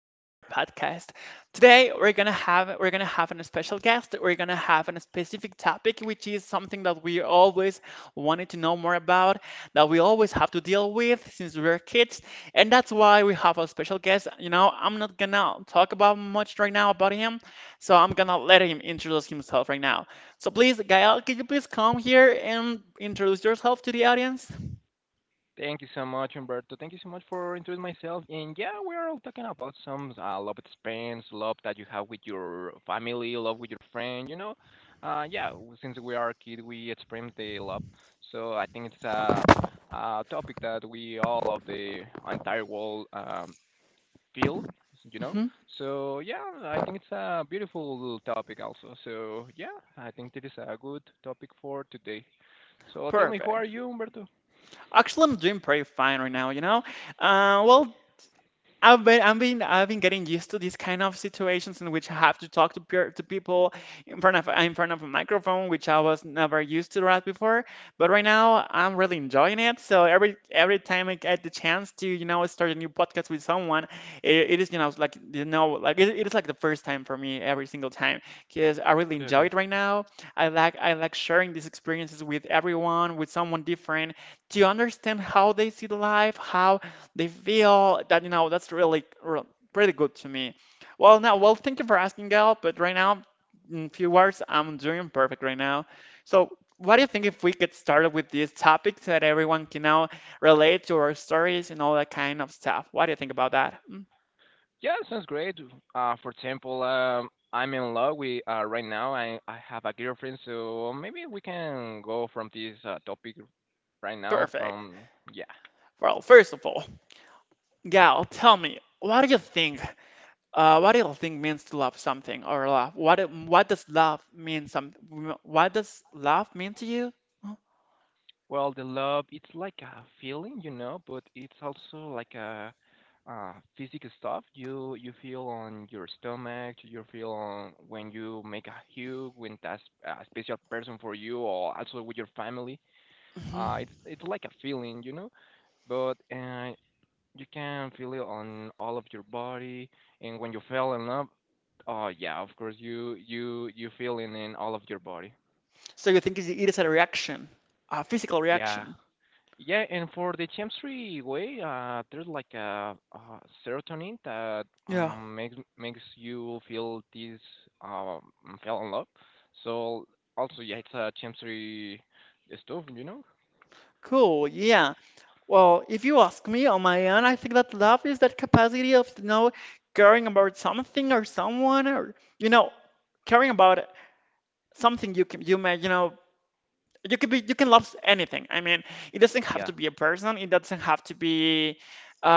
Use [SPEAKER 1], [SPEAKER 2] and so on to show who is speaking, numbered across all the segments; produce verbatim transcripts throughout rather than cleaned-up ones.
[SPEAKER 1] to our podcast. Today we're gonna have we're gonna have a special guest. We're gonna have a specific topic, which is something that we always wanted to know more about, that we always have to deal with since we were kids, and that's why we have a special guest. You know, I'm not gonna talk about much right now about him, so I'm gonna let him introduce himself right now. So please, Gael, could you please come here and introduce yourself to the audience?
[SPEAKER 2] Thank you so much, Humberto. Thank you so much for introducing myself. And yeah, we're all talking about some uh, love experience, love that you have with your family, love with your friend. You know, uh, yeah. w- Since we are a kid, we experience the love. So I think it's a, a topic that we all of the entire world um, feel. You know.
[SPEAKER 1] Hmm.
[SPEAKER 2] So yeah, I think it's a beautiful topic also. So yeah, I think it is a good topic for today. So tell me, who are
[SPEAKER 1] Perfect.
[SPEAKER 2] you, Humberto?
[SPEAKER 1] Actually, I'm doing pretty fine right now, you know? Uh, well, I've been, I've been, I've been getting used to these kind of situations in which I have to talk to peer, to people in front of, in front of a microphone, which I was never used to that before. But right now, I'm really enjoying it. So every, every time I get the chance to, you know, start a new podcast with someone, it, it is, you know, like, you know, like it, it is like the first time for me every single time because I really enjoy it right now. I like, I like sharing these experiences with everyone, with someone different to understand how they see the life, how they feel that, you know, that's really, real pretty good to me. Well, now, well, thank you for asking, Gal, but right now, in few words, I'm doing perfect right now. So, what do you think if we get started with this topic so that everyone can now relate to our stories and all that kind of stuff? What do you think about that? Mm,
[SPEAKER 2] Yeah, sounds great. Uh, for example, um, I'm in love with uh, right now. I I have a girlfriend, so maybe we can go from this uh, topic right now.
[SPEAKER 1] Perfect.
[SPEAKER 2] From yeah,
[SPEAKER 1] Well, first of all, Gal, tell me, what do you think? Uh, what do you think means to love something or love? What what does love mean? Some What does love mean to you?
[SPEAKER 2] well, the love it's like a feeling, you know, but it's also like a uh, physical stuff. You you feel on your stomach. You feel on when you make a hug, when that's a special person for you, or also with your family.
[SPEAKER 1] Mhm.
[SPEAKER 2] Uh, it's it's like a feeling, you know, but uh, you can feel it on all of your body, and when you fell in love, oh yeah, of course you you you feel it in all of your body.
[SPEAKER 1] So you think it is a reaction, a physical
[SPEAKER 2] Yeah.
[SPEAKER 1] reaction?
[SPEAKER 2] Yeah, and for the chemistry way, uh, there's like a, uh serotonin that
[SPEAKER 1] Yeah.
[SPEAKER 2] um, makes makes you feel this um fell in love. So also, yeah, it's a chemistry stuff, you know?
[SPEAKER 1] Cool. Yeah. Well, if you ask me on my end, I think that love is that capacity of, you know, caring about something or someone or, you know, caring about something you can, you may, you know, you could be you can love anything. I mean, it doesn't have
[SPEAKER 2] Yeah.
[SPEAKER 1] to be a person, it doesn't have to be uh,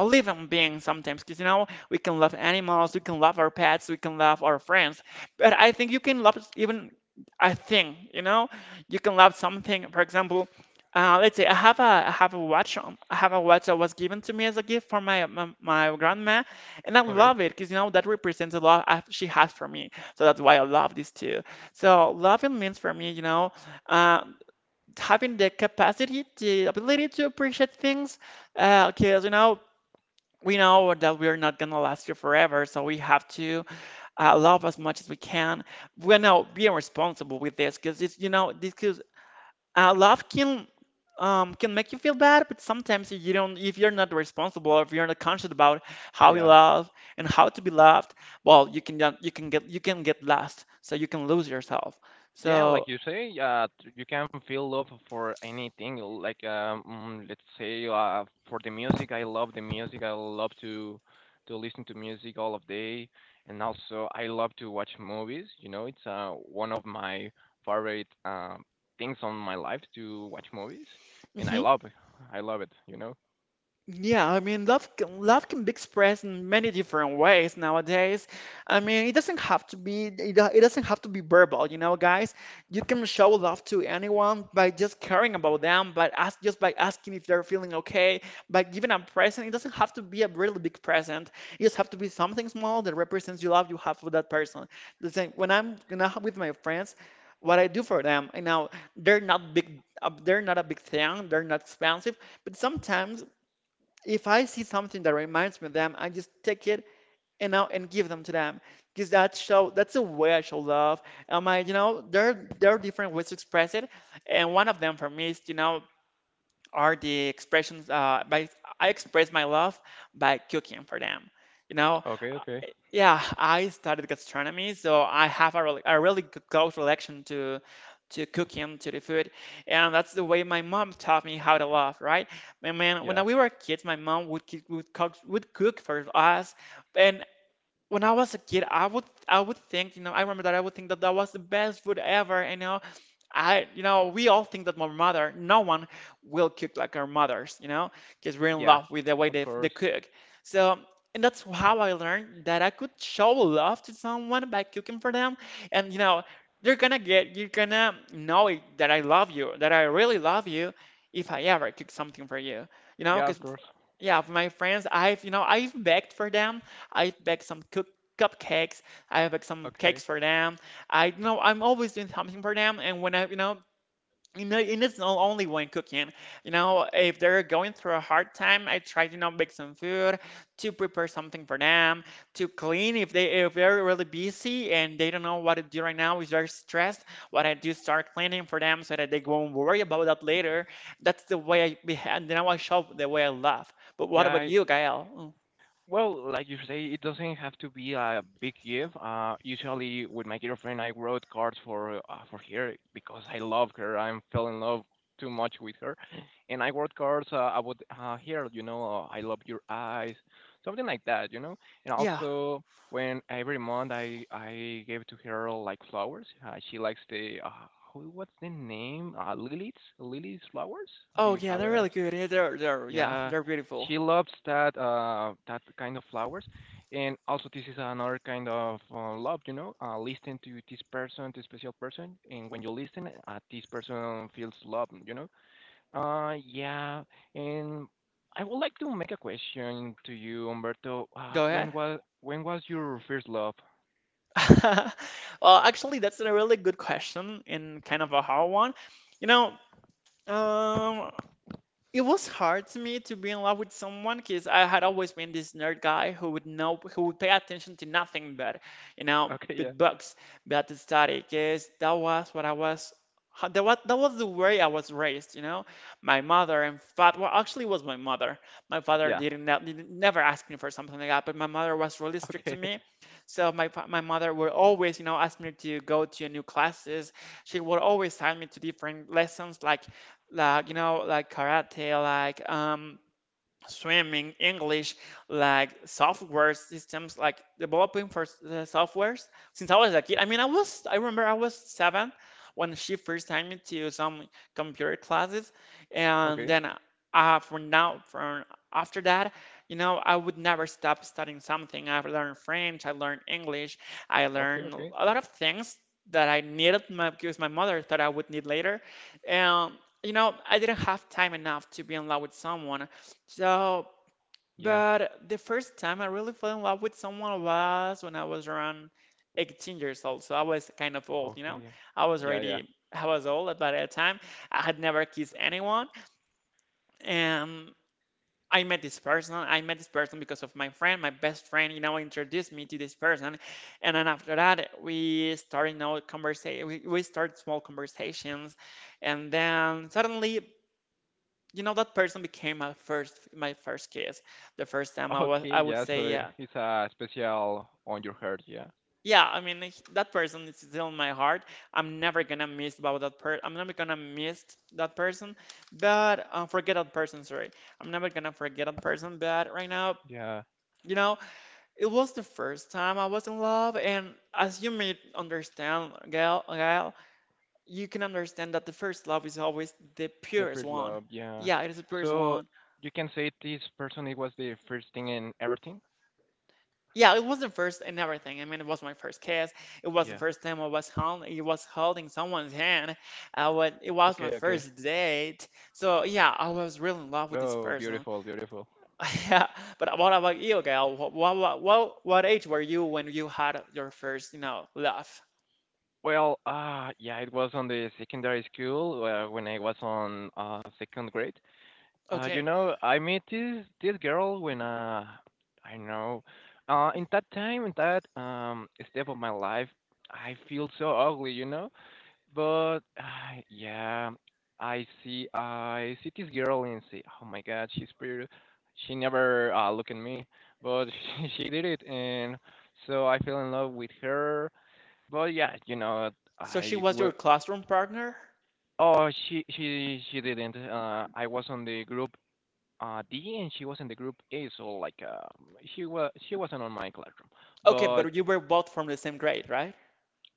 [SPEAKER 1] a living being sometimes, because you know we can love animals, we can love our pets, we can love our friends, but I think you can love even a thing. You know, you can love something. For example, uh, let's say I have a I have a watch, um, I have a watch that was given to me as a gift from my my, my grandma, and I
[SPEAKER 2] Okay.
[SPEAKER 1] love it because you know that represents a lot she has for me. So that's why I love these two. So loving means for me, you know, uh, having the capacity, the ability to appreciate things, because you know we know that we are not gonna last here forever, so we have to uh, love as much as we can. We're now being responsible with this, because it's you know this because uh, love can. Um, can make you feel bad, but sometimes if you don't, if you're not responsible or if you're not conscious about how you
[SPEAKER 2] Yeah.
[SPEAKER 1] love and how to be loved, well, you can you can get you can get lost, so you can lose yourself.
[SPEAKER 2] Yeah,
[SPEAKER 1] So,
[SPEAKER 2] like you say, uh, t- you can feel love for anything. Like um, mm, let's say, uh, for the music, I love the music. I love to to listen to music all of day, and also I love to watch movies. You know, it's uh one of my favorite um things on my life to watch movies, and I
[SPEAKER 1] mhm.
[SPEAKER 2] love it. I love it. You know.
[SPEAKER 1] Yeah, I mean, love can, love can be expressed in many different ways nowadays. I mean, it doesn't have to be it, do- it doesn't have to be verbal, you know, guys. You can show love to anyone by just caring about them, by ask just by asking if they're feeling okay, by giving a present. It doesn't have to be a really big present. It just have to be something small that represents your love you have for that person. The same when I'm when I'm with my friends, what I do for them, you know, they're not big, uh, they're not a big thing, they're not expensive. But sometimes if I see something that reminds me of them, I just take it and now and give them to them because that show that's a way I show love. Um, I you know there there are different ways to express it, and one of them for me is you know are the expressions uh, by I express my love by cooking for them. You know,
[SPEAKER 2] Okay. Okay.
[SPEAKER 1] Uh, yeah, I studied gastronomy, so I have a really, a really g- close relation to to cooking, to the food, and that's the way my mom taught me how to love, right? And man, when
[SPEAKER 2] Yeah.
[SPEAKER 1] we were kids, my mom would cook, would cook would cook for us, and when I was a kid, I would I would think, you know, I remember that I would think that that was the best food ever, you know, I, you know, we all think that my mother, no one will cook like our mothers, you know, because we're in
[SPEAKER 2] Yeah.
[SPEAKER 1] love with the way
[SPEAKER 2] Of
[SPEAKER 1] they, they
[SPEAKER 2] course.
[SPEAKER 1] cook. So, and that's how I learned that I could show love to someone by cooking for them. And, you know, you're gonna get, you're gonna know it, that I love you, that I really love you if I ever cook something for you, you know,
[SPEAKER 2] Yeah. Of
[SPEAKER 1] because
[SPEAKER 2] course.
[SPEAKER 1] yeah, for my friends, I've you know I've baked for them. I've baked some cook cupcakes. I have baked some
[SPEAKER 2] Okay.
[SPEAKER 1] cakes for them. I you know I'm always doing something for them. And when I you know you know, and it's not only when cooking. You know, if they're going through a hard time, I try to you know make some food, to prepare something for them, to clean if they if they're really busy and they don't know what to do right now, is very stressed. What I do, start cleaning for them so that they won't worry about that later. That's the way I behave. You know, I show the way I love. But what about
[SPEAKER 2] Yeah.
[SPEAKER 1] you, Gael? Mm,
[SPEAKER 2] Well, like you say, it doesn't have to be a big gift. Uh, usually, with my girlfriend, I wrote cards for uh, for her because I love her. I'm fell in love too much with her, and I wrote cards uh, about uh, here. You know, uh, I love your eyes, something like that. You know, and
[SPEAKER 1] Yeah.
[SPEAKER 2] also when every month I I gave to her like flowers. Uh, she likes the uh, who- what's the name? Uh, lilies, lilies flowers. Do
[SPEAKER 1] Oh
[SPEAKER 2] you
[SPEAKER 1] yeah,
[SPEAKER 2] have
[SPEAKER 1] they're
[SPEAKER 2] it?
[SPEAKER 1] really good. Yeah, They're they're yeah,
[SPEAKER 2] Yeah,
[SPEAKER 1] they're
[SPEAKER 2] she
[SPEAKER 1] beautiful.
[SPEAKER 2] loves that uh that kind of flowers, and also this is another kind of uh, love, you know, uh, listening to this person, this special person, and when you listen, uh, this person feels love, you know. Uh, yeah, and I would like to make a question to you, Umberto. Uh,
[SPEAKER 1] Go ahead.
[SPEAKER 2] when was when was your first love?
[SPEAKER 1] Well, actually, that's a really good question and kind of a hard one. You know, um, it was hard to me to be in love with someone because I had always been this nerd guy who would know, who would pay attention to nothing but, you know,
[SPEAKER 2] Okay, yeah,
[SPEAKER 1] but books, but to study. Because that was what I was, ho- that was, that was the way I was raised. You know, my mother and father, well, actually, it was my mother. My father
[SPEAKER 2] yeah,
[SPEAKER 1] didn't, ne- didn't never ask me for something like that, but my mother was really strict to
[SPEAKER 2] okay,
[SPEAKER 1] me. So my fa- my mother would always, you know, ask me to go to new classes. She would always send me to different lessons, like like you know like karate, like um streaming English, like software systems, like developing for the softwares since I was a kid. I mean, I was, I remember I was seven when she first signed me to some computer classes, and
[SPEAKER 2] okay,
[SPEAKER 1] then uh, from now, from after that, you know, I would never stop studying something. I learned French, I learned English, I
[SPEAKER 2] okay,
[SPEAKER 1] learned
[SPEAKER 2] okay,
[SPEAKER 1] a lot of things that I needed my, because my mother thought I would need later, and you know, I didn't have time enough to be in love with someone. So,
[SPEAKER 2] yeah,
[SPEAKER 1] but the first time I really fell in love with someone was when I was around eighteen years old. So I was kind of old, you
[SPEAKER 2] okay,
[SPEAKER 1] know?
[SPEAKER 2] yeah,
[SPEAKER 1] I was
[SPEAKER 2] yeah, yeah.
[SPEAKER 1] already, I was old by that time. I had never kissed anyone. And I met this person. I met this person because of my friend, my best friend, you know, introduced me to this person. And then after that, we started, you know, conversation. We, we started small conversations. And then suddenly, you know that person became my first my first kiss, the first time I was,
[SPEAKER 2] Okay,
[SPEAKER 1] I would
[SPEAKER 2] yeah,
[SPEAKER 1] say,
[SPEAKER 2] so
[SPEAKER 1] yeah.
[SPEAKER 2] it's a special on your heart, yeah.
[SPEAKER 1] Yeah, I mean, he- that person is still in my heart. I'm never gonna miss about that person, I'm never gonna miss that person, but uh, forget that person sorry I'm never gonna forget that person, but right now,
[SPEAKER 2] Yeah,
[SPEAKER 1] you know, it was the first time I was in love, and as you may understand, gal Gal, you can understand that the first love is always the
[SPEAKER 2] the
[SPEAKER 1] purest
[SPEAKER 2] first
[SPEAKER 1] one.
[SPEAKER 2] love, yeah.
[SPEAKER 1] Yeah, it is the purest
[SPEAKER 2] So
[SPEAKER 1] one.
[SPEAKER 2] you can say this person it was the first thing in everything?
[SPEAKER 1] Yeah, it was the first and everything. I mean, it was my first kiss. It was the
[SPEAKER 2] Yeah.
[SPEAKER 1] first time I was held, it was holding someone's hand. I would, it was my
[SPEAKER 2] Okay, okay.
[SPEAKER 1] first date. So yeah, I was really in love with this
[SPEAKER 2] Oh,
[SPEAKER 1] person.
[SPEAKER 2] beautiful, beautiful.
[SPEAKER 1] Yeah, but what about you, Gail? What, what, what, what age were you when you had your first, you know, love?
[SPEAKER 2] Well, uh yeah, it was on the secondary school uh, when I was on uh second grade. Uh you
[SPEAKER 1] Okay,
[SPEAKER 2] know, I met this this girl when uh I know uh in that time in that um step of my life I feel so ugly, you know? But uh, yeah, I see. I see this girl and say, "Oh my God, she's pretty." She never uh, look at me, but she, she did it, and so I fell in love with her. But yeah, you know,
[SPEAKER 1] so she
[SPEAKER 2] I
[SPEAKER 1] was
[SPEAKER 2] w-
[SPEAKER 1] your classroom partner.
[SPEAKER 2] oh she she she didn't. Uh, I was on the group uh, D, and she was in the group A, so like uh, she was she wasn't on my classroom,
[SPEAKER 1] Okay,
[SPEAKER 2] but
[SPEAKER 1] but you were both from the same grade, right?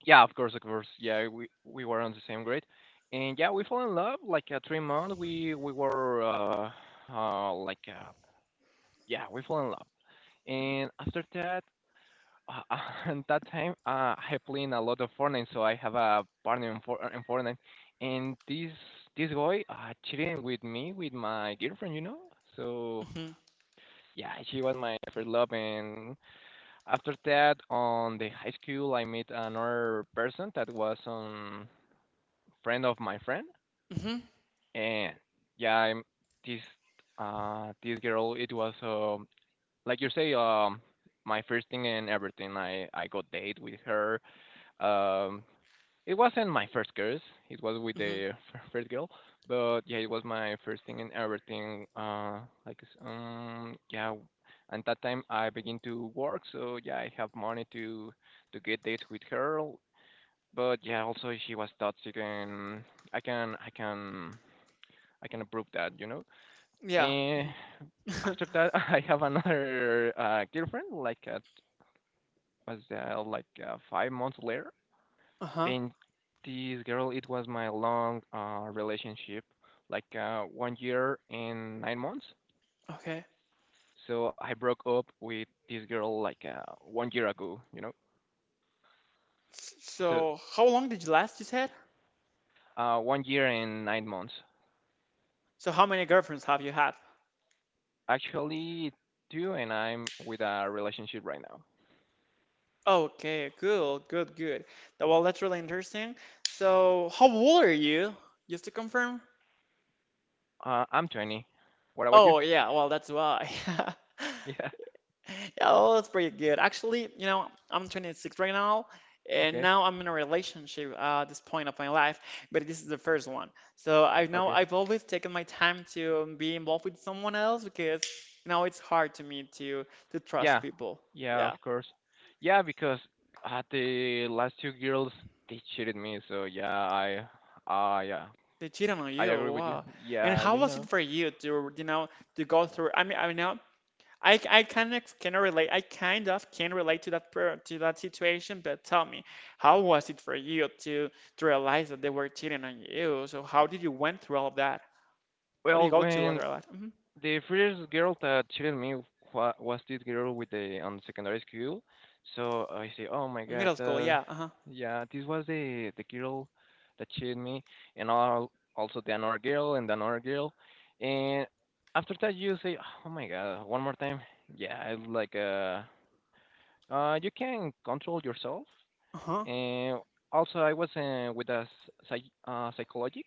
[SPEAKER 2] yeah, of course, of course. Yeah, we we were on the same grade, and yeah, we fell in love like uh, three months. We we were uh, uh like uh, yeah, we fell in love, and after that, uh, and that time, uh, I playing a lot of Fortnite, so I have a partner in, For- in Fortnite, and this this boy uh cheating with me with my girlfriend, you know. So
[SPEAKER 1] Mm-hmm.
[SPEAKER 2] yeah, she was my first love, and after that, on the high school, I met another person that was on friend of my friend,
[SPEAKER 1] Mm-hmm.
[SPEAKER 2] and yeah, I'm, this uh this girl. It was um like you say um my first thing and everything. I I got date with her. Um, it wasn't my first kiss. It was with
[SPEAKER 1] Mm-hmm.
[SPEAKER 2] the first girl, but yeah, it was my first thing and everything. Uh, like s- um yeah. And that time I begin to work, so yeah, I have money to to get dates with her. But yeah, also she was toxic, and I can I can I can approve that, you know.
[SPEAKER 1] Yeah.
[SPEAKER 2] And
[SPEAKER 1] Mm-hmm.
[SPEAKER 2] after that, I have another uh, girlfriend, like uh, was uh, like uh, five months later.
[SPEAKER 1] Uh-huh.
[SPEAKER 2] And this girl, it was my long uh, relationship, like uh, one year and nine months.
[SPEAKER 1] Okay.
[SPEAKER 2] So I broke up with this girl like uh, one year ago, you know.
[SPEAKER 1] S-
[SPEAKER 2] So
[SPEAKER 1] So, how long did you last, you said?
[SPEAKER 2] uh, one year and nine months.
[SPEAKER 1] So how many girlfriends have you had?
[SPEAKER 2] Actually, two, and I'm with a relationship right now.
[SPEAKER 1] Okay, cool, good, good. That well, that's really interesting. So how old are you? Just to confirm?
[SPEAKER 2] Uh, I'm twenty. What about you?
[SPEAKER 1] Oh yeah, well that's why.
[SPEAKER 2] Yeah.
[SPEAKER 1] Yeah, well, that's pretty good. Actually, you know, I'm twenty-six right now, and
[SPEAKER 2] Okay.
[SPEAKER 1] now I'm in a relationship uh, at this point of my life, but this is the first one. So I know
[SPEAKER 2] Okay.
[SPEAKER 1] I've always taken my time to be involved with someone else because, you know, it's hard to me to to trust
[SPEAKER 2] Yeah,
[SPEAKER 1] people.
[SPEAKER 2] yeah, of
[SPEAKER 1] Yeah.
[SPEAKER 2] course. Yeah, because uh, the last two girls they cheated me, so yeah, I, uh, yeah,
[SPEAKER 1] They cheated on
[SPEAKER 2] I
[SPEAKER 1] you.
[SPEAKER 2] agree with you.
[SPEAKER 1] Wow. And
[SPEAKER 2] Yeah,
[SPEAKER 1] how
[SPEAKER 2] you
[SPEAKER 1] was it
[SPEAKER 2] know.
[SPEAKER 1] for you to, you know, to go through? I mean, I know I I kind of can relate. I kind of can relate to that per- to that situation. But tell me, how was it for you to to realize that they were cheating on you? So how did you went through all of that? How do you
[SPEAKER 2] Well,
[SPEAKER 1] go to
[SPEAKER 2] when
[SPEAKER 1] other life? hmm
[SPEAKER 2] the first girl that cheated me wa- was this girl with the on secondary school. So I say, oh my god,
[SPEAKER 1] Middle school,
[SPEAKER 2] uh,
[SPEAKER 1] yeah. Uh-huh.
[SPEAKER 2] yeah, this was the the girl that cheated me, and all, also the another girl and another girl, and after that you say, oh my god, one more time, yeah, it's like uh, uh, you can control yourself,
[SPEAKER 1] Uh-huh.
[SPEAKER 2] and also I was uh, with a psych- uh, psychologic,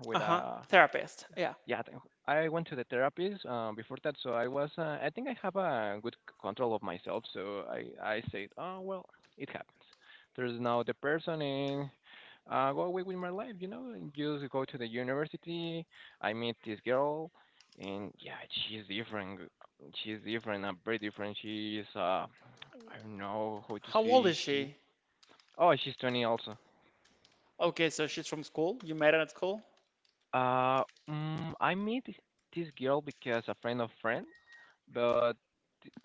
[SPEAKER 2] with
[SPEAKER 1] Uh-huh.
[SPEAKER 2] a
[SPEAKER 1] Therapist, yeah.
[SPEAKER 2] yeah, th- I went to the therapies um, before that, so I was. Uh, I think I have a good c- control of myself, so I I said, oh well, it happens. There's now the person and uh, go away with my life, you know. And just go to the university. I meet this girl, and yeah, she's different. She's different. Uh very different. She's uh, I don't know how to
[SPEAKER 1] How old
[SPEAKER 2] say
[SPEAKER 1] is
[SPEAKER 2] she.
[SPEAKER 1] she?
[SPEAKER 2] Oh, she's twenty also.
[SPEAKER 1] Okay, so she's from school. You met her at school.
[SPEAKER 2] Uh, mm, I meet this girl because a friend of friend but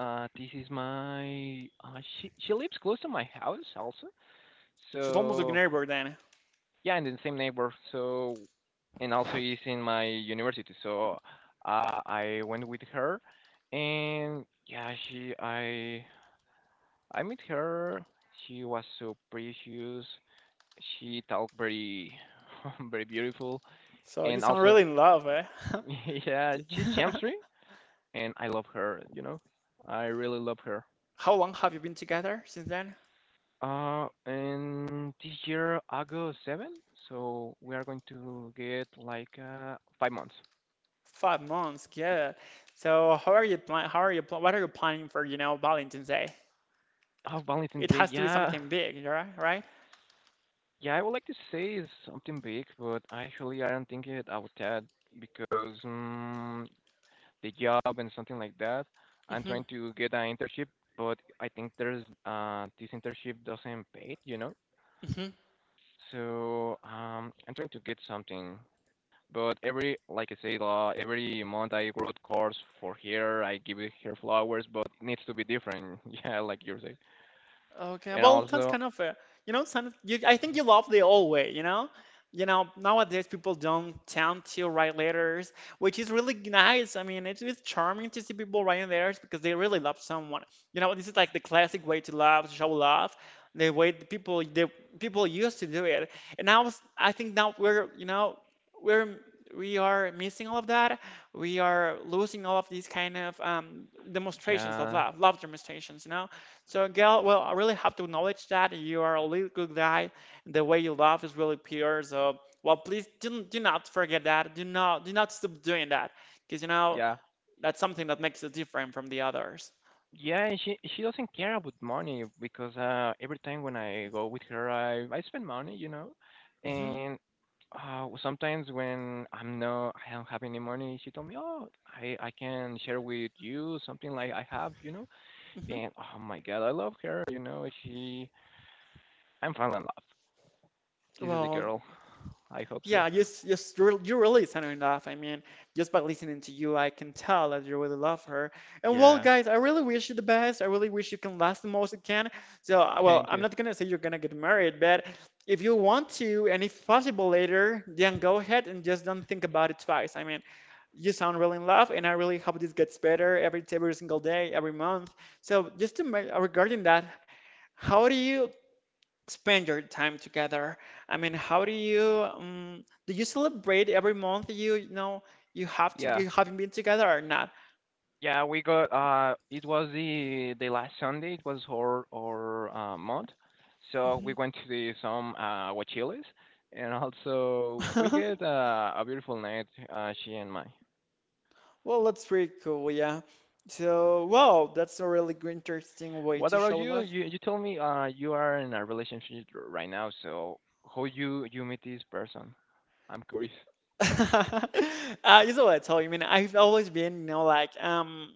[SPEAKER 2] Uh, this is my. Uh, she she lives close to my house also. So
[SPEAKER 1] She's almost a neighbor then.
[SPEAKER 2] yeah, and in the same neighbor. So and also is in my university. So uh, I went with her, and yeah, she I I met her. She was so precious. She talked very very beautiful,
[SPEAKER 1] So you
[SPEAKER 2] and
[SPEAKER 1] sound
[SPEAKER 2] also
[SPEAKER 1] really in love, eh?
[SPEAKER 2] yeah, she's
[SPEAKER 1] Yeah.
[SPEAKER 2] champ and I love her. You know, I really love her.
[SPEAKER 1] How long have you been together since then?
[SPEAKER 2] Uh, and this year, August seventh, so we are going to get like uh, five months.
[SPEAKER 1] Five months. Good. So how are you plan? How are you plan? What are you planning for? You know, Valentine's Day.
[SPEAKER 2] Oh, Valentine's
[SPEAKER 1] It
[SPEAKER 2] Day,
[SPEAKER 1] has to be
[SPEAKER 2] yeah.
[SPEAKER 1] something big, right? Right?
[SPEAKER 2] Yeah, I would like to say it's something big, but actually I don't think it about that because um, the job and something like that. I'm
[SPEAKER 1] Mm-hmm.
[SPEAKER 2] trying to get an internship, but I think there's uh, this internship doesn't pay, you know? So um, I'm trying to get something but every, like I said, uh, every month I grow cars for her. I give it her flowers, but it needs to be different. Yeah, like you say.
[SPEAKER 1] Okay,
[SPEAKER 2] And
[SPEAKER 1] well, that's
[SPEAKER 2] also,
[SPEAKER 1] kind of fair. You know, son, you, I think you love the old way, you know? You know, nowadays people don't tend to write letters, which is really nice. I mean, it's, it's charming to see people writing letters because they really love someone. You know, this is like the classic way to love, to show love, the way the people the people used to do it. And now s- I think now we're, you know, we're we are missing all of that. We are losing all of these kind of um, demonstrations of
[SPEAKER 2] yeah,
[SPEAKER 1] love, love demonstrations, you know? So, Gail, well, I really have to acknowledge that you are a really good guy. The way you love is really pure. So, well, please do, do not forget that. Do not do not stop doing that, because you know
[SPEAKER 2] yeah,
[SPEAKER 1] that's something that makes you different from the others.
[SPEAKER 2] yeah. And she she doesn't care about money because uh, every time when I go with her, I I spend money, you know.
[SPEAKER 1] hmm
[SPEAKER 2] And uh, sometimes when I'm no, I don't have any money, she told me, oh, I I can share with you something like I have, you know.
[SPEAKER 1] hmm
[SPEAKER 2] And oh my God, I love her, you know. She I'm falling in love. This is a
[SPEAKER 1] Well,
[SPEAKER 2] girl. I hope so.
[SPEAKER 1] Yeah, just just re you really sound enough. I mean, just by listening to you, I can tell that you really love her. And well,
[SPEAKER 2] Yeah.
[SPEAKER 1] guys, I really wish you the best. I really wish you can last the most you can. So, uh, well,
[SPEAKER 2] Thank
[SPEAKER 1] I'm
[SPEAKER 2] you.
[SPEAKER 1] not gonna say you're gonna get married, but if you want to, and if possible later, then go ahead and just don't think about it twice. I mean, you sound really in love, and I really hope this gets better every every single day, every month. So, just to ma- regarding that, how do you spend your time together. I mean, how do you um, do you celebrate every month you, you know you have to
[SPEAKER 2] Yeah.
[SPEAKER 1] you having been together or not?
[SPEAKER 2] Yeah, we got uh it was the the last Sunday, it was our our uh, month. So we
[SPEAKER 1] Mhm.
[SPEAKER 2] went to the some uh huachiles and also we get uh, a beautiful night, uh she and my.
[SPEAKER 1] Well, that's pretty cool, yeah. So, wow, that's a really good, interesting way
[SPEAKER 2] What
[SPEAKER 1] to
[SPEAKER 2] about
[SPEAKER 1] show
[SPEAKER 2] you?
[SPEAKER 1] love.
[SPEAKER 2] You you told me uh you are in a relationship right now, so how you you meet this person? I'm curious.
[SPEAKER 1] Uh, you know what I tell you, I mean, I've always been, you know, like um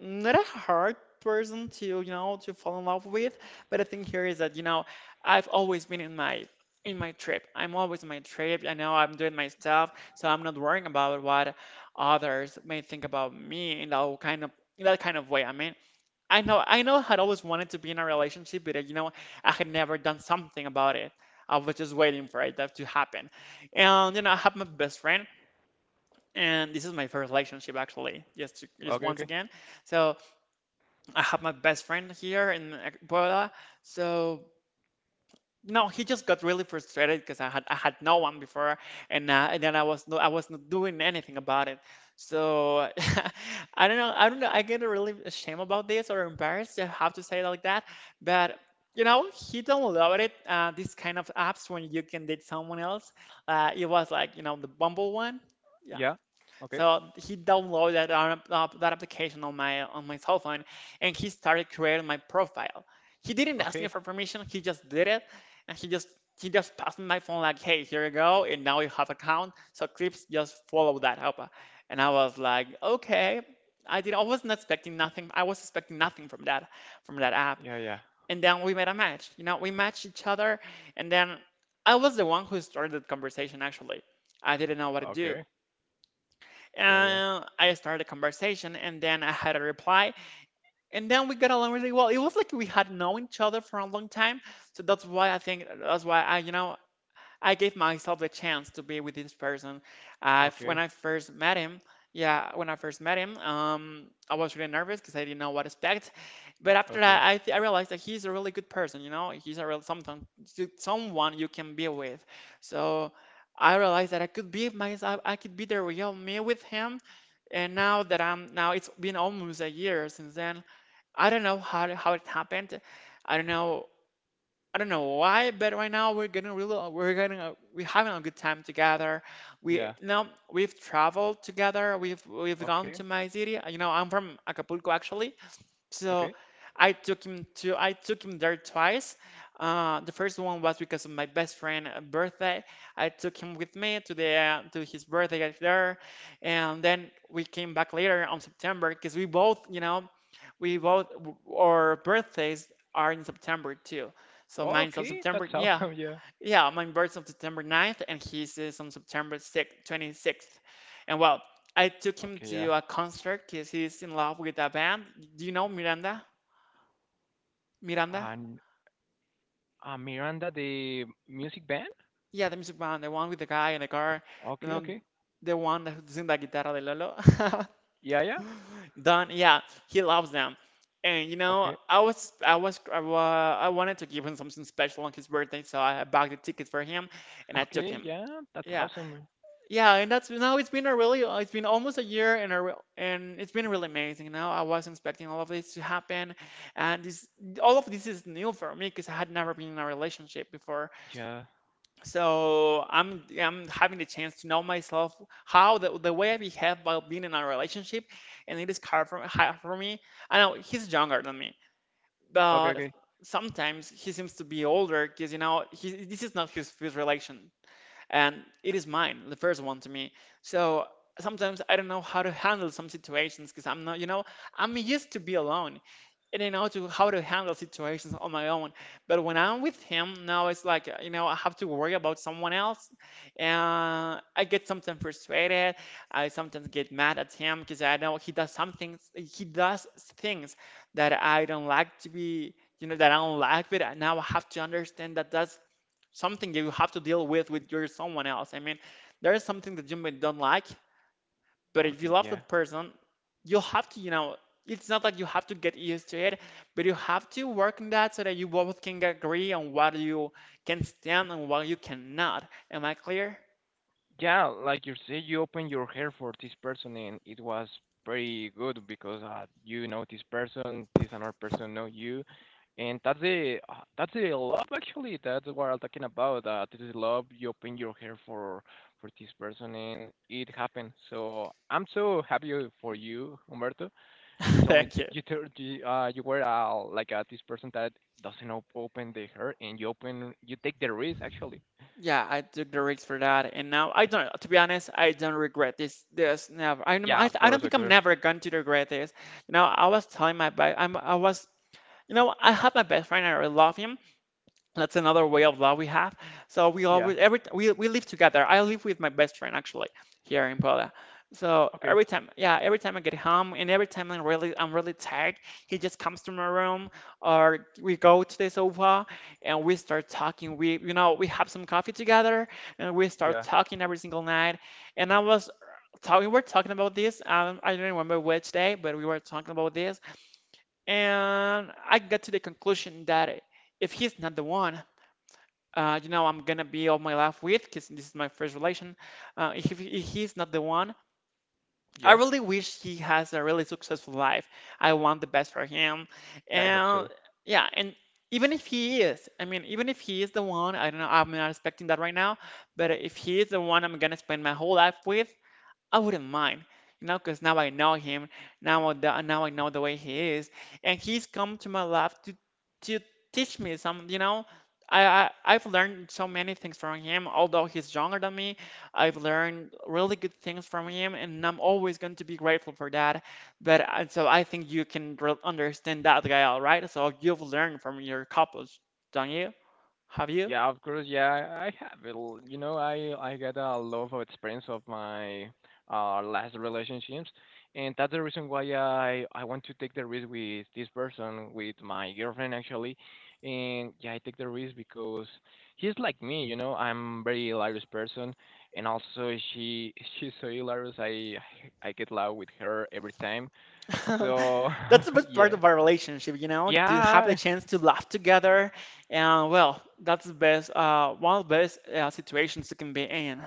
[SPEAKER 1] not a hard person to you know to fall in love with, but the thing here is that you know i've always been in my in my trip. I'm always in my trip. I know i'm doing my stuff, so i'm not worrying about what others may think about me in that kind of in that kind of way. I mean, i know i know I had always wanted to be in a relationship, but uh, you know, i had never done something about it. I was just waiting for it that to happen. And you know, i have my best friend, and this is my first relationship actually, just to, just
[SPEAKER 2] Okay,
[SPEAKER 1] once
[SPEAKER 2] okay.
[SPEAKER 1] again. So I have my best friend here in Puebla, so no, he just got really frustrated because I had I had no one before, and uh, and then I was no I was not doing anything about it. So I don't know I don't know I get really ashamed about this, or embarrassed to have to say it like that, but you know, he downloaded uh, this kind of apps when you can date someone else. Uh, it was like, you know, the Bumble one. Yeah,
[SPEAKER 2] Yeah. Okay.
[SPEAKER 1] so he downloaded that, app- app- that application on my on my cell phone, and he started creating my profile. He didn't ask
[SPEAKER 2] Okay.
[SPEAKER 1] me for permission. He just did it, and he just he just passed me my phone like, "Hey, here you go, and now you have account." So clips just follow that up, and I was like, "Okay." I did. I wasn't expecting nothing. I was expecting nothing from that from that app.
[SPEAKER 2] Yeah, yeah.
[SPEAKER 1] And then we made a match. You know, we matched each other, and then I was the one who started the conversation. Actually, I didn't know what to do.
[SPEAKER 2] Okay. Yeah, yeah.
[SPEAKER 1] Uh, I started a conversation and then I had a reply. And then we got along really well. It was like we had known each other for a long time. So that's why I think, that's why I, you know, I gave myself the chance to be with this person. Uh, when
[SPEAKER 2] Okay.
[SPEAKER 1] I first met him, yeah, when I first met him, um, I was really nervous because I didn't know what to expect. But after
[SPEAKER 2] Okay.
[SPEAKER 1] that, I, th- I realized that he's a really good person. You know, he's a real something, someone you can be with. So I realized that I could be myself. I could be the real me with him. And now that I'm now it's been almost a year since then. I don't know how how it happened. I don't know I don't know why, but right now we're getting really we're getting a, we're having a good time together. We
[SPEAKER 2] Yeah.
[SPEAKER 1] now we've traveled together. We've we've gone
[SPEAKER 2] Okay.
[SPEAKER 1] to my city. You know, I'm from Acapulco actually, so
[SPEAKER 2] Okay.
[SPEAKER 1] I took him to I took him there twice. Uh, the first one was because of my best friend' uh, birthday. I took him with me to the to his birthday out there, and then we came back later on September because we both, you know, we both our birthdays are in September too. So mine's on
[SPEAKER 2] Okay.
[SPEAKER 1] September.
[SPEAKER 2] That's
[SPEAKER 1] Yeah,
[SPEAKER 2] awesome. Yeah.
[SPEAKER 1] yeah, my birthday on September ninth, and his is on September sixth, twenty-sixth. And well, I took him
[SPEAKER 2] Okay.
[SPEAKER 1] to
[SPEAKER 2] Yeah.
[SPEAKER 1] a concert because he's in love with a band. Do you know Miranda? Miranda?
[SPEAKER 2] And uh, Miranda, the music band.
[SPEAKER 1] Yeah, the music band, the one with the guy in the car, you
[SPEAKER 2] Okay.
[SPEAKER 1] know,
[SPEAKER 2] Okay.
[SPEAKER 1] the one that sings la guitarra de Lolo.
[SPEAKER 2] Yeah. Yeah.
[SPEAKER 1] Don, yeah, he loves them. And you know,
[SPEAKER 2] Okay.
[SPEAKER 1] I was, I was, I, wa- I wanted to give him something special on his birthday, so I bought the tickets for him and I took
[SPEAKER 2] Okay.
[SPEAKER 1] him.
[SPEAKER 2] Yeah. That's
[SPEAKER 1] Yeah,
[SPEAKER 2] awesome.
[SPEAKER 1] yeah, and that's now it's been a really uh, it's been almost a year and a real and it's been really amazing. Now I wasn't expecting all of this to happen, and this all of this is new for me because I had never been in a relationship before.
[SPEAKER 2] Yeah.
[SPEAKER 1] So I'm I'm having the chance to know myself, how the, the way I behave while being in a relationship, and it is hard for hard for me. I know he's younger than me,
[SPEAKER 2] Okay.
[SPEAKER 1] but
[SPEAKER 2] Okay.
[SPEAKER 1] sometimes he seems to be older because you know he, this is not his first relation, and it is mine, the first one to me. So sometimes I don't know how to handle some situations because I'm not, you know, I'm used to be alone, and I know to how to handle situations on my own. But when I'm with him now, it's like you know I have to worry about someone else, and I get sometimes frustrated. I sometimes get mad at him because I know he does something, he does things that I don't like to be. You know that I don't like, but now I have to understand that that's something that you have to deal with with your someone else. I mean, there is something that you may don't like, but if
[SPEAKER 2] Okay.
[SPEAKER 1] you love
[SPEAKER 2] Yeah.
[SPEAKER 1] that person, you'll have to, you know, it's not like you have to get used to it, but you have to work on that so that you both can agree on what you can stand and what you cannot. Am I clear?
[SPEAKER 2] Yeah, like you say, you opened your hair for this person, and it was pretty good because uh, you know this person, this another person know you, and that's the uh, that's the love actually. That's what I'm talking about. Uh, this is love. You open your hair for for this person, and it happened. So I'm so happy for you, Humberto. You told me
[SPEAKER 1] Thank
[SPEAKER 2] t-
[SPEAKER 1] you.
[SPEAKER 2] you told you, uh, you were uh, like uh, this person that doesn't op- open the hair, and you open you take the risk actually.
[SPEAKER 1] Yeah, I took the risk for that, and now I don't. To be honest, I don't regret this. This never. I
[SPEAKER 2] Yeah,
[SPEAKER 1] I,
[SPEAKER 2] of
[SPEAKER 1] I don't
[SPEAKER 2] course, of
[SPEAKER 1] think I'm
[SPEAKER 2] course.
[SPEAKER 1] never going to regret this. You know, I was telling my best. I'm. I was. You know, I have my best friend. I really love him. That's another way of love we have. So we
[SPEAKER 2] Yeah.
[SPEAKER 1] always every we we live together. I live with my best friend actually here in Puebla. So
[SPEAKER 2] Okay.
[SPEAKER 1] every time, yeah, every time I get home and every time I'm really I'm really tired, he just comes to my room or we go to the sofa and we start talking. We you know we have some coffee together and we start
[SPEAKER 2] Yeah.
[SPEAKER 1] talking every single night. And I was talking, we were talking about this. Um, I don't remember which day, but we were talking about this, and I got to the conclusion that if he's not the one uh, you know, I'm gonna be all my life with, because this is my first relation. Uh, if, if he's not the one, I
[SPEAKER 2] Yeah.
[SPEAKER 1] really wish he has a really successful life. I want the best for him,
[SPEAKER 2] Yeah, I hope
[SPEAKER 1] and
[SPEAKER 2] so.
[SPEAKER 1] yeah, and even if he is, I mean, even if he is the one, I don't know, I'm not expecting that right now, but if he is the one I'm gonna spend my whole life with, I wouldn't mind, you know, because now I know him. Now, I the, now I know the way he is, and he's come to my life to to teach me some. You know, I, I I've learned so many things from him. Although he's younger than me, I've learned really good things from him, and I'm always going to be grateful for that. But I- so I think you can re- understand that guy, all right? So you've learned from your couples, don't you? Have you?
[SPEAKER 2] Yeah, of course. Yeah, I I have it. l- You know, I I got a lot of experience of my uh last relationships, and that's the reason why I I want to take the risk with this person, with my girlfriend actually, and yeah, I take the risk because he's like me. You know, I'm very hilarious person, and also she she's so hilarious. I I get loud with her every time. So
[SPEAKER 1] That's the best part
[SPEAKER 2] yeah.
[SPEAKER 1] of our relationship, you know, to have the
[SPEAKER 2] Yeah,
[SPEAKER 1] chance to laugh together. And well, that's the best, uh, one of the best uh, situations you can be in.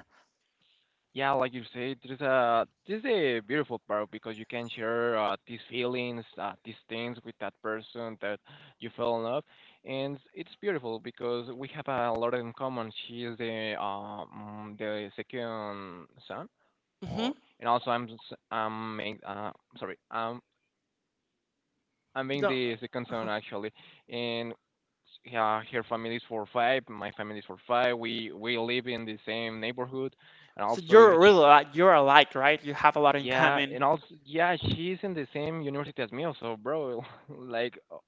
[SPEAKER 2] yeah, like you said, there's a this is a beautiful part because you can share uh, these feelings, uh, these things with that person that you fell in love, and it's beautiful because we have a lot in common. She is the um the second son,
[SPEAKER 1] Mm-hmm.
[SPEAKER 2] or and also I'm s- I'm main- uh sorry um I'm being the second son actually, and yeah, her family is for five, my family is for five. We we live in the same neighborhood, and
[SPEAKER 1] So
[SPEAKER 2] also
[SPEAKER 1] you're really
[SPEAKER 2] sh-
[SPEAKER 1] like, you're alike, right? You have a lot in
[SPEAKER 2] yeah,
[SPEAKER 1] common.
[SPEAKER 2] and also yeah, she's in the same university as me also, bro. Like uh,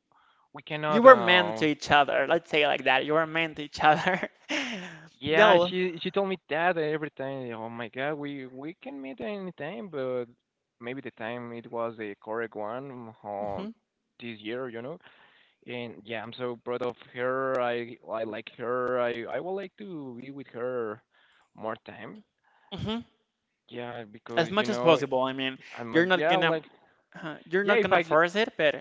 [SPEAKER 2] we
[SPEAKER 1] You
[SPEAKER 2] cannot
[SPEAKER 1] were meant
[SPEAKER 2] uh
[SPEAKER 1] to each other. Let's say it like that. You were meant to each other.
[SPEAKER 2] yeah,
[SPEAKER 1] No.
[SPEAKER 2] she she told me that every time. Oh my god, we we can meet any time, but maybe the time it was the correct one uh,
[SPEAKER 1] Hmm.
[SPEAKER 2] this year, you know. And yeah, I'm so proud of her. I I like her. I I would like to be with her more time.
[SPEAKER 1] Hmm.
[SPEAKER 2] Yeah,
[SPEAKER 1] As
[SPEAKER 2] because you
[SPEAKER 1] much as
[SPEAKER 2] know,
[SPEAKER 1] possible. I mean,
[SPEAKER 2] I'm uh,
[SPEAKER 1] you're not
[SPEAKER 2] yeah,
[SPEAKER 1] gonna
[SPEAKER 2] like
[SPEAKER 1] uh, you're
[SPEAKER 2] yeah,
[SPEAKER 1] not
[SPEAKER 2] if
[SPEAKER 1] gonna
[SPEAKER 2] I
[SPEAKER 1] force it, but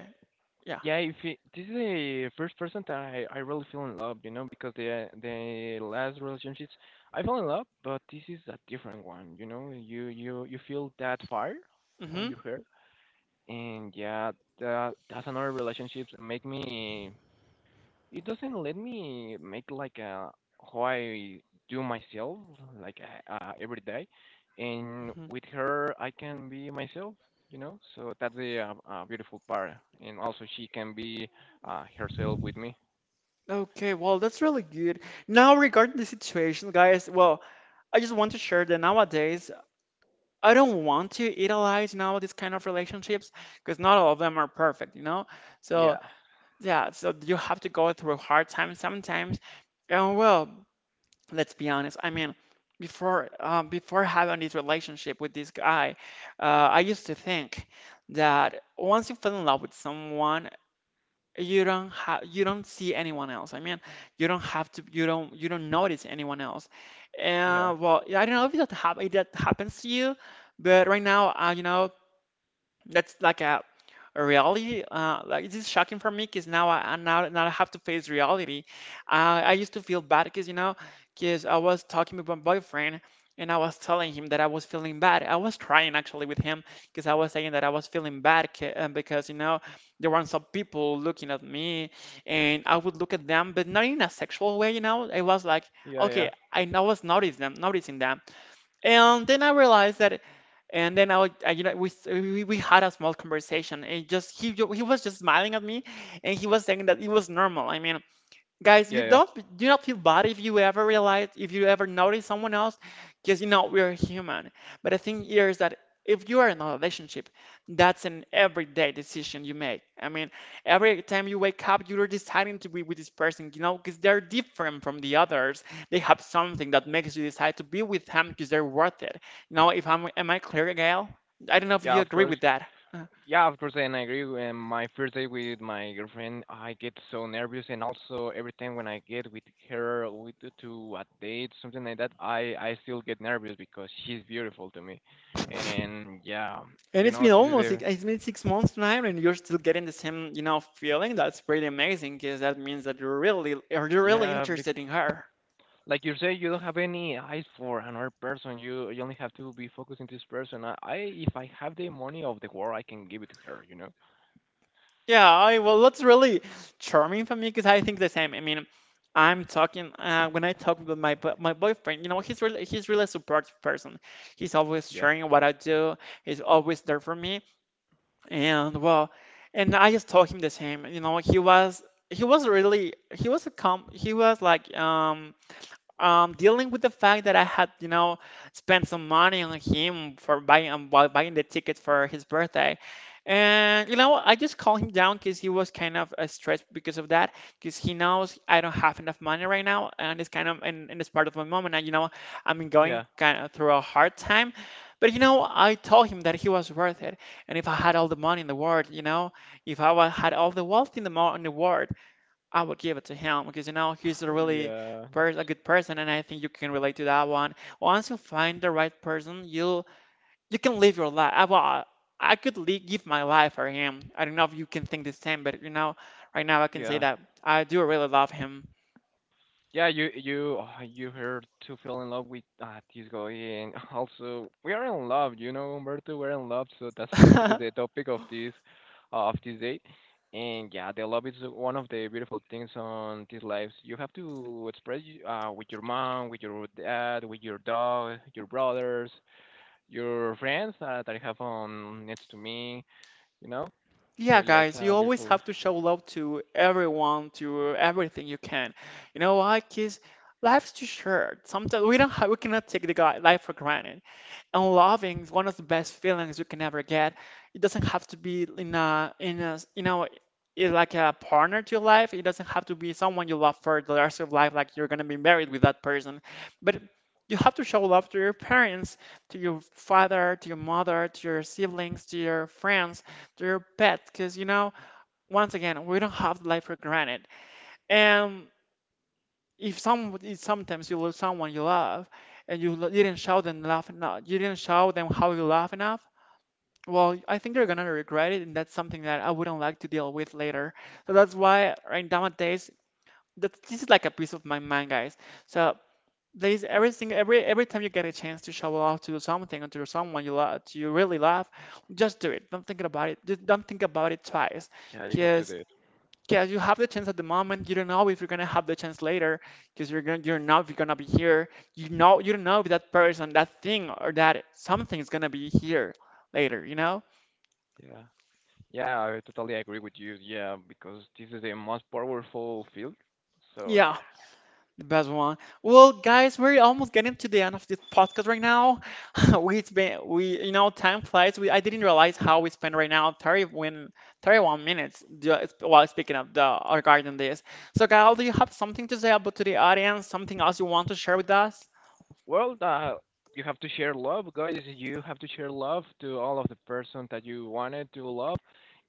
[SPEAKER 1] yeah.
[SPEAKER 2] yeah, if it, this is the first person that I, I really fell in love, you know, because the the last relationships I fell in love, but this is a different one, you know. You you you feel that fire on
[SPEAKER 1] Hmm.
[SPEAKER 2] your hair, and yeah, that that's another relationship that make me it doesn't let me make like a how I do myself like uh, uh, every day, and
[SPEAKER 1] Hmm.
[SPEAKER 2] with her I can be myself, you know. So that's the uh, uh, beautiful part, and also she can be uh, herself with me.
[SPEAKER 1] Okay, well, that's really good. Now, regarding the situation, guys, well, I just want to share that nowadays I don't want to idealize now these kind of relationships because not all of them are perfect, you know?
[SPEAKER 2] Yeah,
[SPEAKER 1] So, yeah, so you have to go through hard times sometimes. And well, let's be honest. I mean, before um, before having this relationship with this guy, uh, I used to think that once you fall in love with someone, you don't have you don't see anyone else. I mean, you don't have to you don't you don't notice anyone else.
[SPEAKER 2] yeah,
[SPEAKER 1] And well, I don't know if that hap- if that happens to you, but right now, uh, you know, that's like a, a reality. Uh, like this is shocking for me because now I I- now now I have to face reality. Uh, I used to feel bad because you know because I was talking with my boyfriend and I was telling him that I was feeling bad. I was crying actually with him because I was saying that I was feeling bad 'ca- uh, because you know there were some people looking at me and I would look at them, but not in a sexual way. You know, it was like
[SPEAKER 2] yeah,
[SPEAKER 1] okay,
[SPEAKER 2] yeah,
[SPEAKER 1] I, I was noticing them, noticing them. And then I realized that, and then I, would- I you know, we, s- we we had a small conversation, and just he ju- he was just smiling at me, and he was saying that it was normal. I mean, guys, you
[SPEAKER 2] yeah, yeah,
[SPEAKER 1] don't do not feel bad if you ever realize if you ever notice someone else, because you know we're human. But the thing here is that if you are in a relationship, that's an everyday decision you make. I mean, every time you wake up, you're deciding to be with this person, you know, because they're different from the others. They have something that makes you decide to be with them because they're worth it. You know, if I'm, am I clear, Gail? I don't know if
[SPEAKER 2] yeah.
[SPEAKER 1] you
[SPEAKER 2] Of
[SPEAKER 1] agree
[SPEAKER 2] course.
[SPEAKER 1] with that. Uh,
[SPEAKER 2] Yeah, of course, and I agree. When my first day with my girlfriend, I get so nervous, and also every time when I get with her with, to a date, something like that, I I still get nervous because she's beautiful to me, and yeah,
[SPEAKER 1] And
[SPEAKER 2] you
[SPEAKER 1] it's
[SPEAKER 2] know,
[SPEAKER 1] been
[SPEAKER 2] this is
[SPEAKER 1] almost
[SPEAKER 2] a
[SPEAKER 1] it it's been six months now, and you're still getting the same, you know, feeling. That's pretty amazing, because that means that you're really are you really
[SPEAKER 2] yeah,
[SPEAKER 1] interested
[SPEAKER 2] bec-
[SPEAKER 1] in her?
[SPEAKER 2] like you say, you don't have any eyes for another person. You you only have to be focused on this person. I, I if I have the money of the world, I can give it to her. You know?
[SPEAKER 1] Yeah, I, well, that's really charming for me, because I think the same. I mean, I'm talking uh, when I talk with my bo- my boyfriend. You know, he's really he's really a supportive person. He's always
[SPEAKER 2] Yeah.
[SPEAKER 1] sharing what I do. He's always there for me, and well, and I just told him the same. You know, he was he was really he was a com he was like um um, dealing with the fact that I had, you know, spent some money on him for buying um, bu- buying the tickets for his birthday. And you know, I just calmed him down because he was kind of uh, stressed because of that. Because he knows I don't have enough money right now, and it's kind of and in this part of my moment. And you know, I'm going
[SPEAKER 2] Yeah.
[SPEAKER 1] kind of through a hard time. But you know, I told him that he was worth it. And if I had all the money in the world, you know, if I wa- had all the wealth in the mo- in the world, I would give it to him because you know he's a really
[SPEAKER 2] yeah.
[SPEAKER 1] pers- a good person, and I think you can relate to that one. Once you find the right person, you you can live your life. I, well, I could li- give my life for him. I don't know if you can think the same, but you know, right now I can say
[SPEAKER 2] Yeah.
[SPEAKER 1] that I do really love him.
[SPEAKER 2] Yeah, you you uh, you heard to fell in love with uh, this guy, and also we are in love, you know, Umberto. We're in love, so that's n- that is the topic of this uh, of this date. And yeah, the love is one of the beautiful things on these lives. You have to express y- uh, with your mom, with your dad, with your dog, your brothers, your friends uh, that I have on next to me, you know. So
[SPEAKER 1] Yeah,
[SPEAKER 2] yeah, it's
[SPEAKER 1] guys,
[SPEAKER 2] a
[SPEAKER 1] you always
[SPEAKER 2] beautiful.
[SPEAKER 1] have to show love to everyone, to everything you can. You know why? Because life's too short. Sometimes we don't have, we cannot take the guy life for granted. And loving is one of the best feelings you can ever get. It doesn't have to be in a in a you know in like a partner to your life. It doesn't have to be someone you love for the rest of life, like you're gonna be married with that person. But you have to show love to your parents, to your father, to your mother, to your siblings, to your friends, to your pet, because you know once again we don't have life for granted. And if some if sometimes you love someone you love and you lo- didn't show them laugh enough, you didn't show them how you laugh enough, well, I think they're gonna regret it, and that's something that I wouldn't like to deal with later. So that's why right nowadays, that this is like a piece of my mind, guys. So there's everything every every time you get a chance to show off to something or to someone you love, you really love, just do it. Don't think about it. Just don't think about it twice,
[SPEAKER 2] Yeah, you have to do
[SPEAKER 1] because
[SPEAKER 2] it.
[SPEAKER 1] yeah, you have the chance at the moment. You don't know if you're gonna have the chance later because you're gonna you don't know if you're gonna be here. You know you don't know if that person, that thing, or that something is gonna be here later. You know?
[SPEAKER 2] Yeah. Yeah, I totally agree with you. Yeah, because this is the most powerful field. So yeah.
[SPEAKER 1] Yeah, the best one. Well, guys, we're almost getting to the end of this podcast right now. we it's been we You know, time flies. We I didn't realize how we spent right now thirty when thirty-one minutes ju- while speaking of the regarding this. So, Kyle, do you have something to say about to the audience? Something else you want to share with us?
[SPEAKER 2] Well, uh, you have to share love, guys. You have to share love to all of the person that you wanted to love,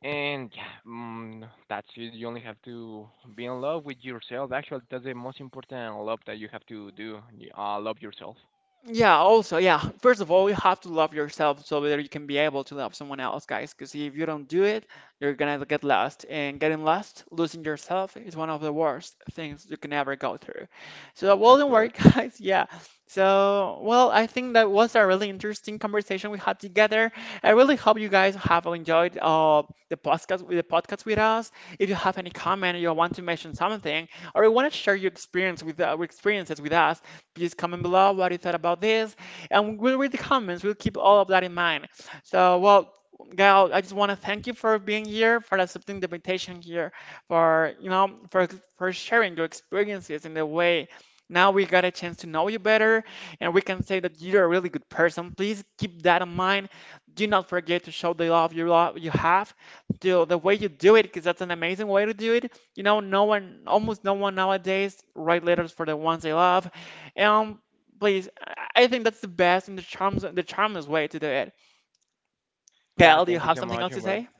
[SPEAKER 2] and yeah, mm, that's it. You only have to be in love with yourself. Actually, that's the most important love that you have to do. Y- Uh, love yourself.
[SPEAKER 1] Yeah, also, yeah. First of all, you have to love yourself so that you can be able to love someone else, guys. Because if you don't do it, you're gonna get lost. And getting lost, losing yourself, is one of the worst things you can ever go through. So, well,
[SPEAKER 2] That's
[SPEAKER 1] don't worry,
[SPEAKER 2] correct.
[SPEAKER 1] guys. Yeah. So, well, I think that was a really interesting conversation we had together. I really hope you guys have enjoyed uh, the podcast with the podcast with us. If you have any comment, you want to mention something, or you want to share your experience with uh, experiences with us, please comment below what you thought about this. And we'll read the comments. We'll keep all of that in mind. So, well, Gal, I just want to thank you for being here, for accepting the invitation here, for you know, for for sharing your experiences in the way. Now we got a chance to know you better, and we can say that you're a really good person. Please keep that in mind. Do not forget to show the love you love you have, do the way you do it, because that's an amazing way to do it. You know, no one, almost no one nowadays write letters for the ones they love. Um, Please, I I think that's the best and the charms the charmless way to do it.
[SPEAKER 2] Yeah,
[SPEAKER 1] Gail, do you
[SPEAKER 2] thank you
[SPEAKER 1] have
[SPEAKER 2] so
[SPEAKER 1] something
[SPEAKER 2] much,
[SPEAKER 1] else to
[SPEAKER 2] Humberto.
[SPEAKER 1] say?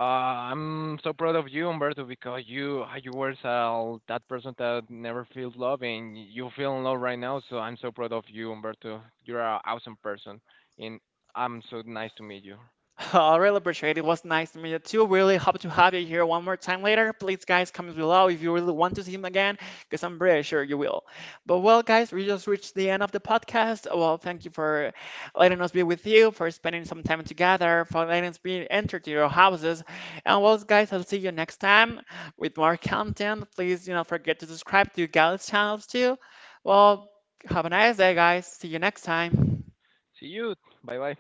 [SPEAKER 2] Uh, I'm so proud of you, Humberto, because you uh, you were uh, that person that never feels love, and you feel in love right now. So I'm so proud of you, Humberto. You're an awesome person, and I'm so nice to meet you.
[SPEAKER 1] I really appreciate it. It was nice to meet you too. Really hope to have you here one more time later. Please, guys, comment below if you really want to see him again, because I'm pretty sure you will. But well, guys, we just reached the end of the podcast. Well, thank you for letting us be with you, for spending some time together, for letting us be entered to your houses. And well, guys, I'll see you next time with more content. Please do not forget to subscribe to Gal's channels too. Well, have a nice day, guys. See you next time.
[SPEAKER 2] See you. Bye bye.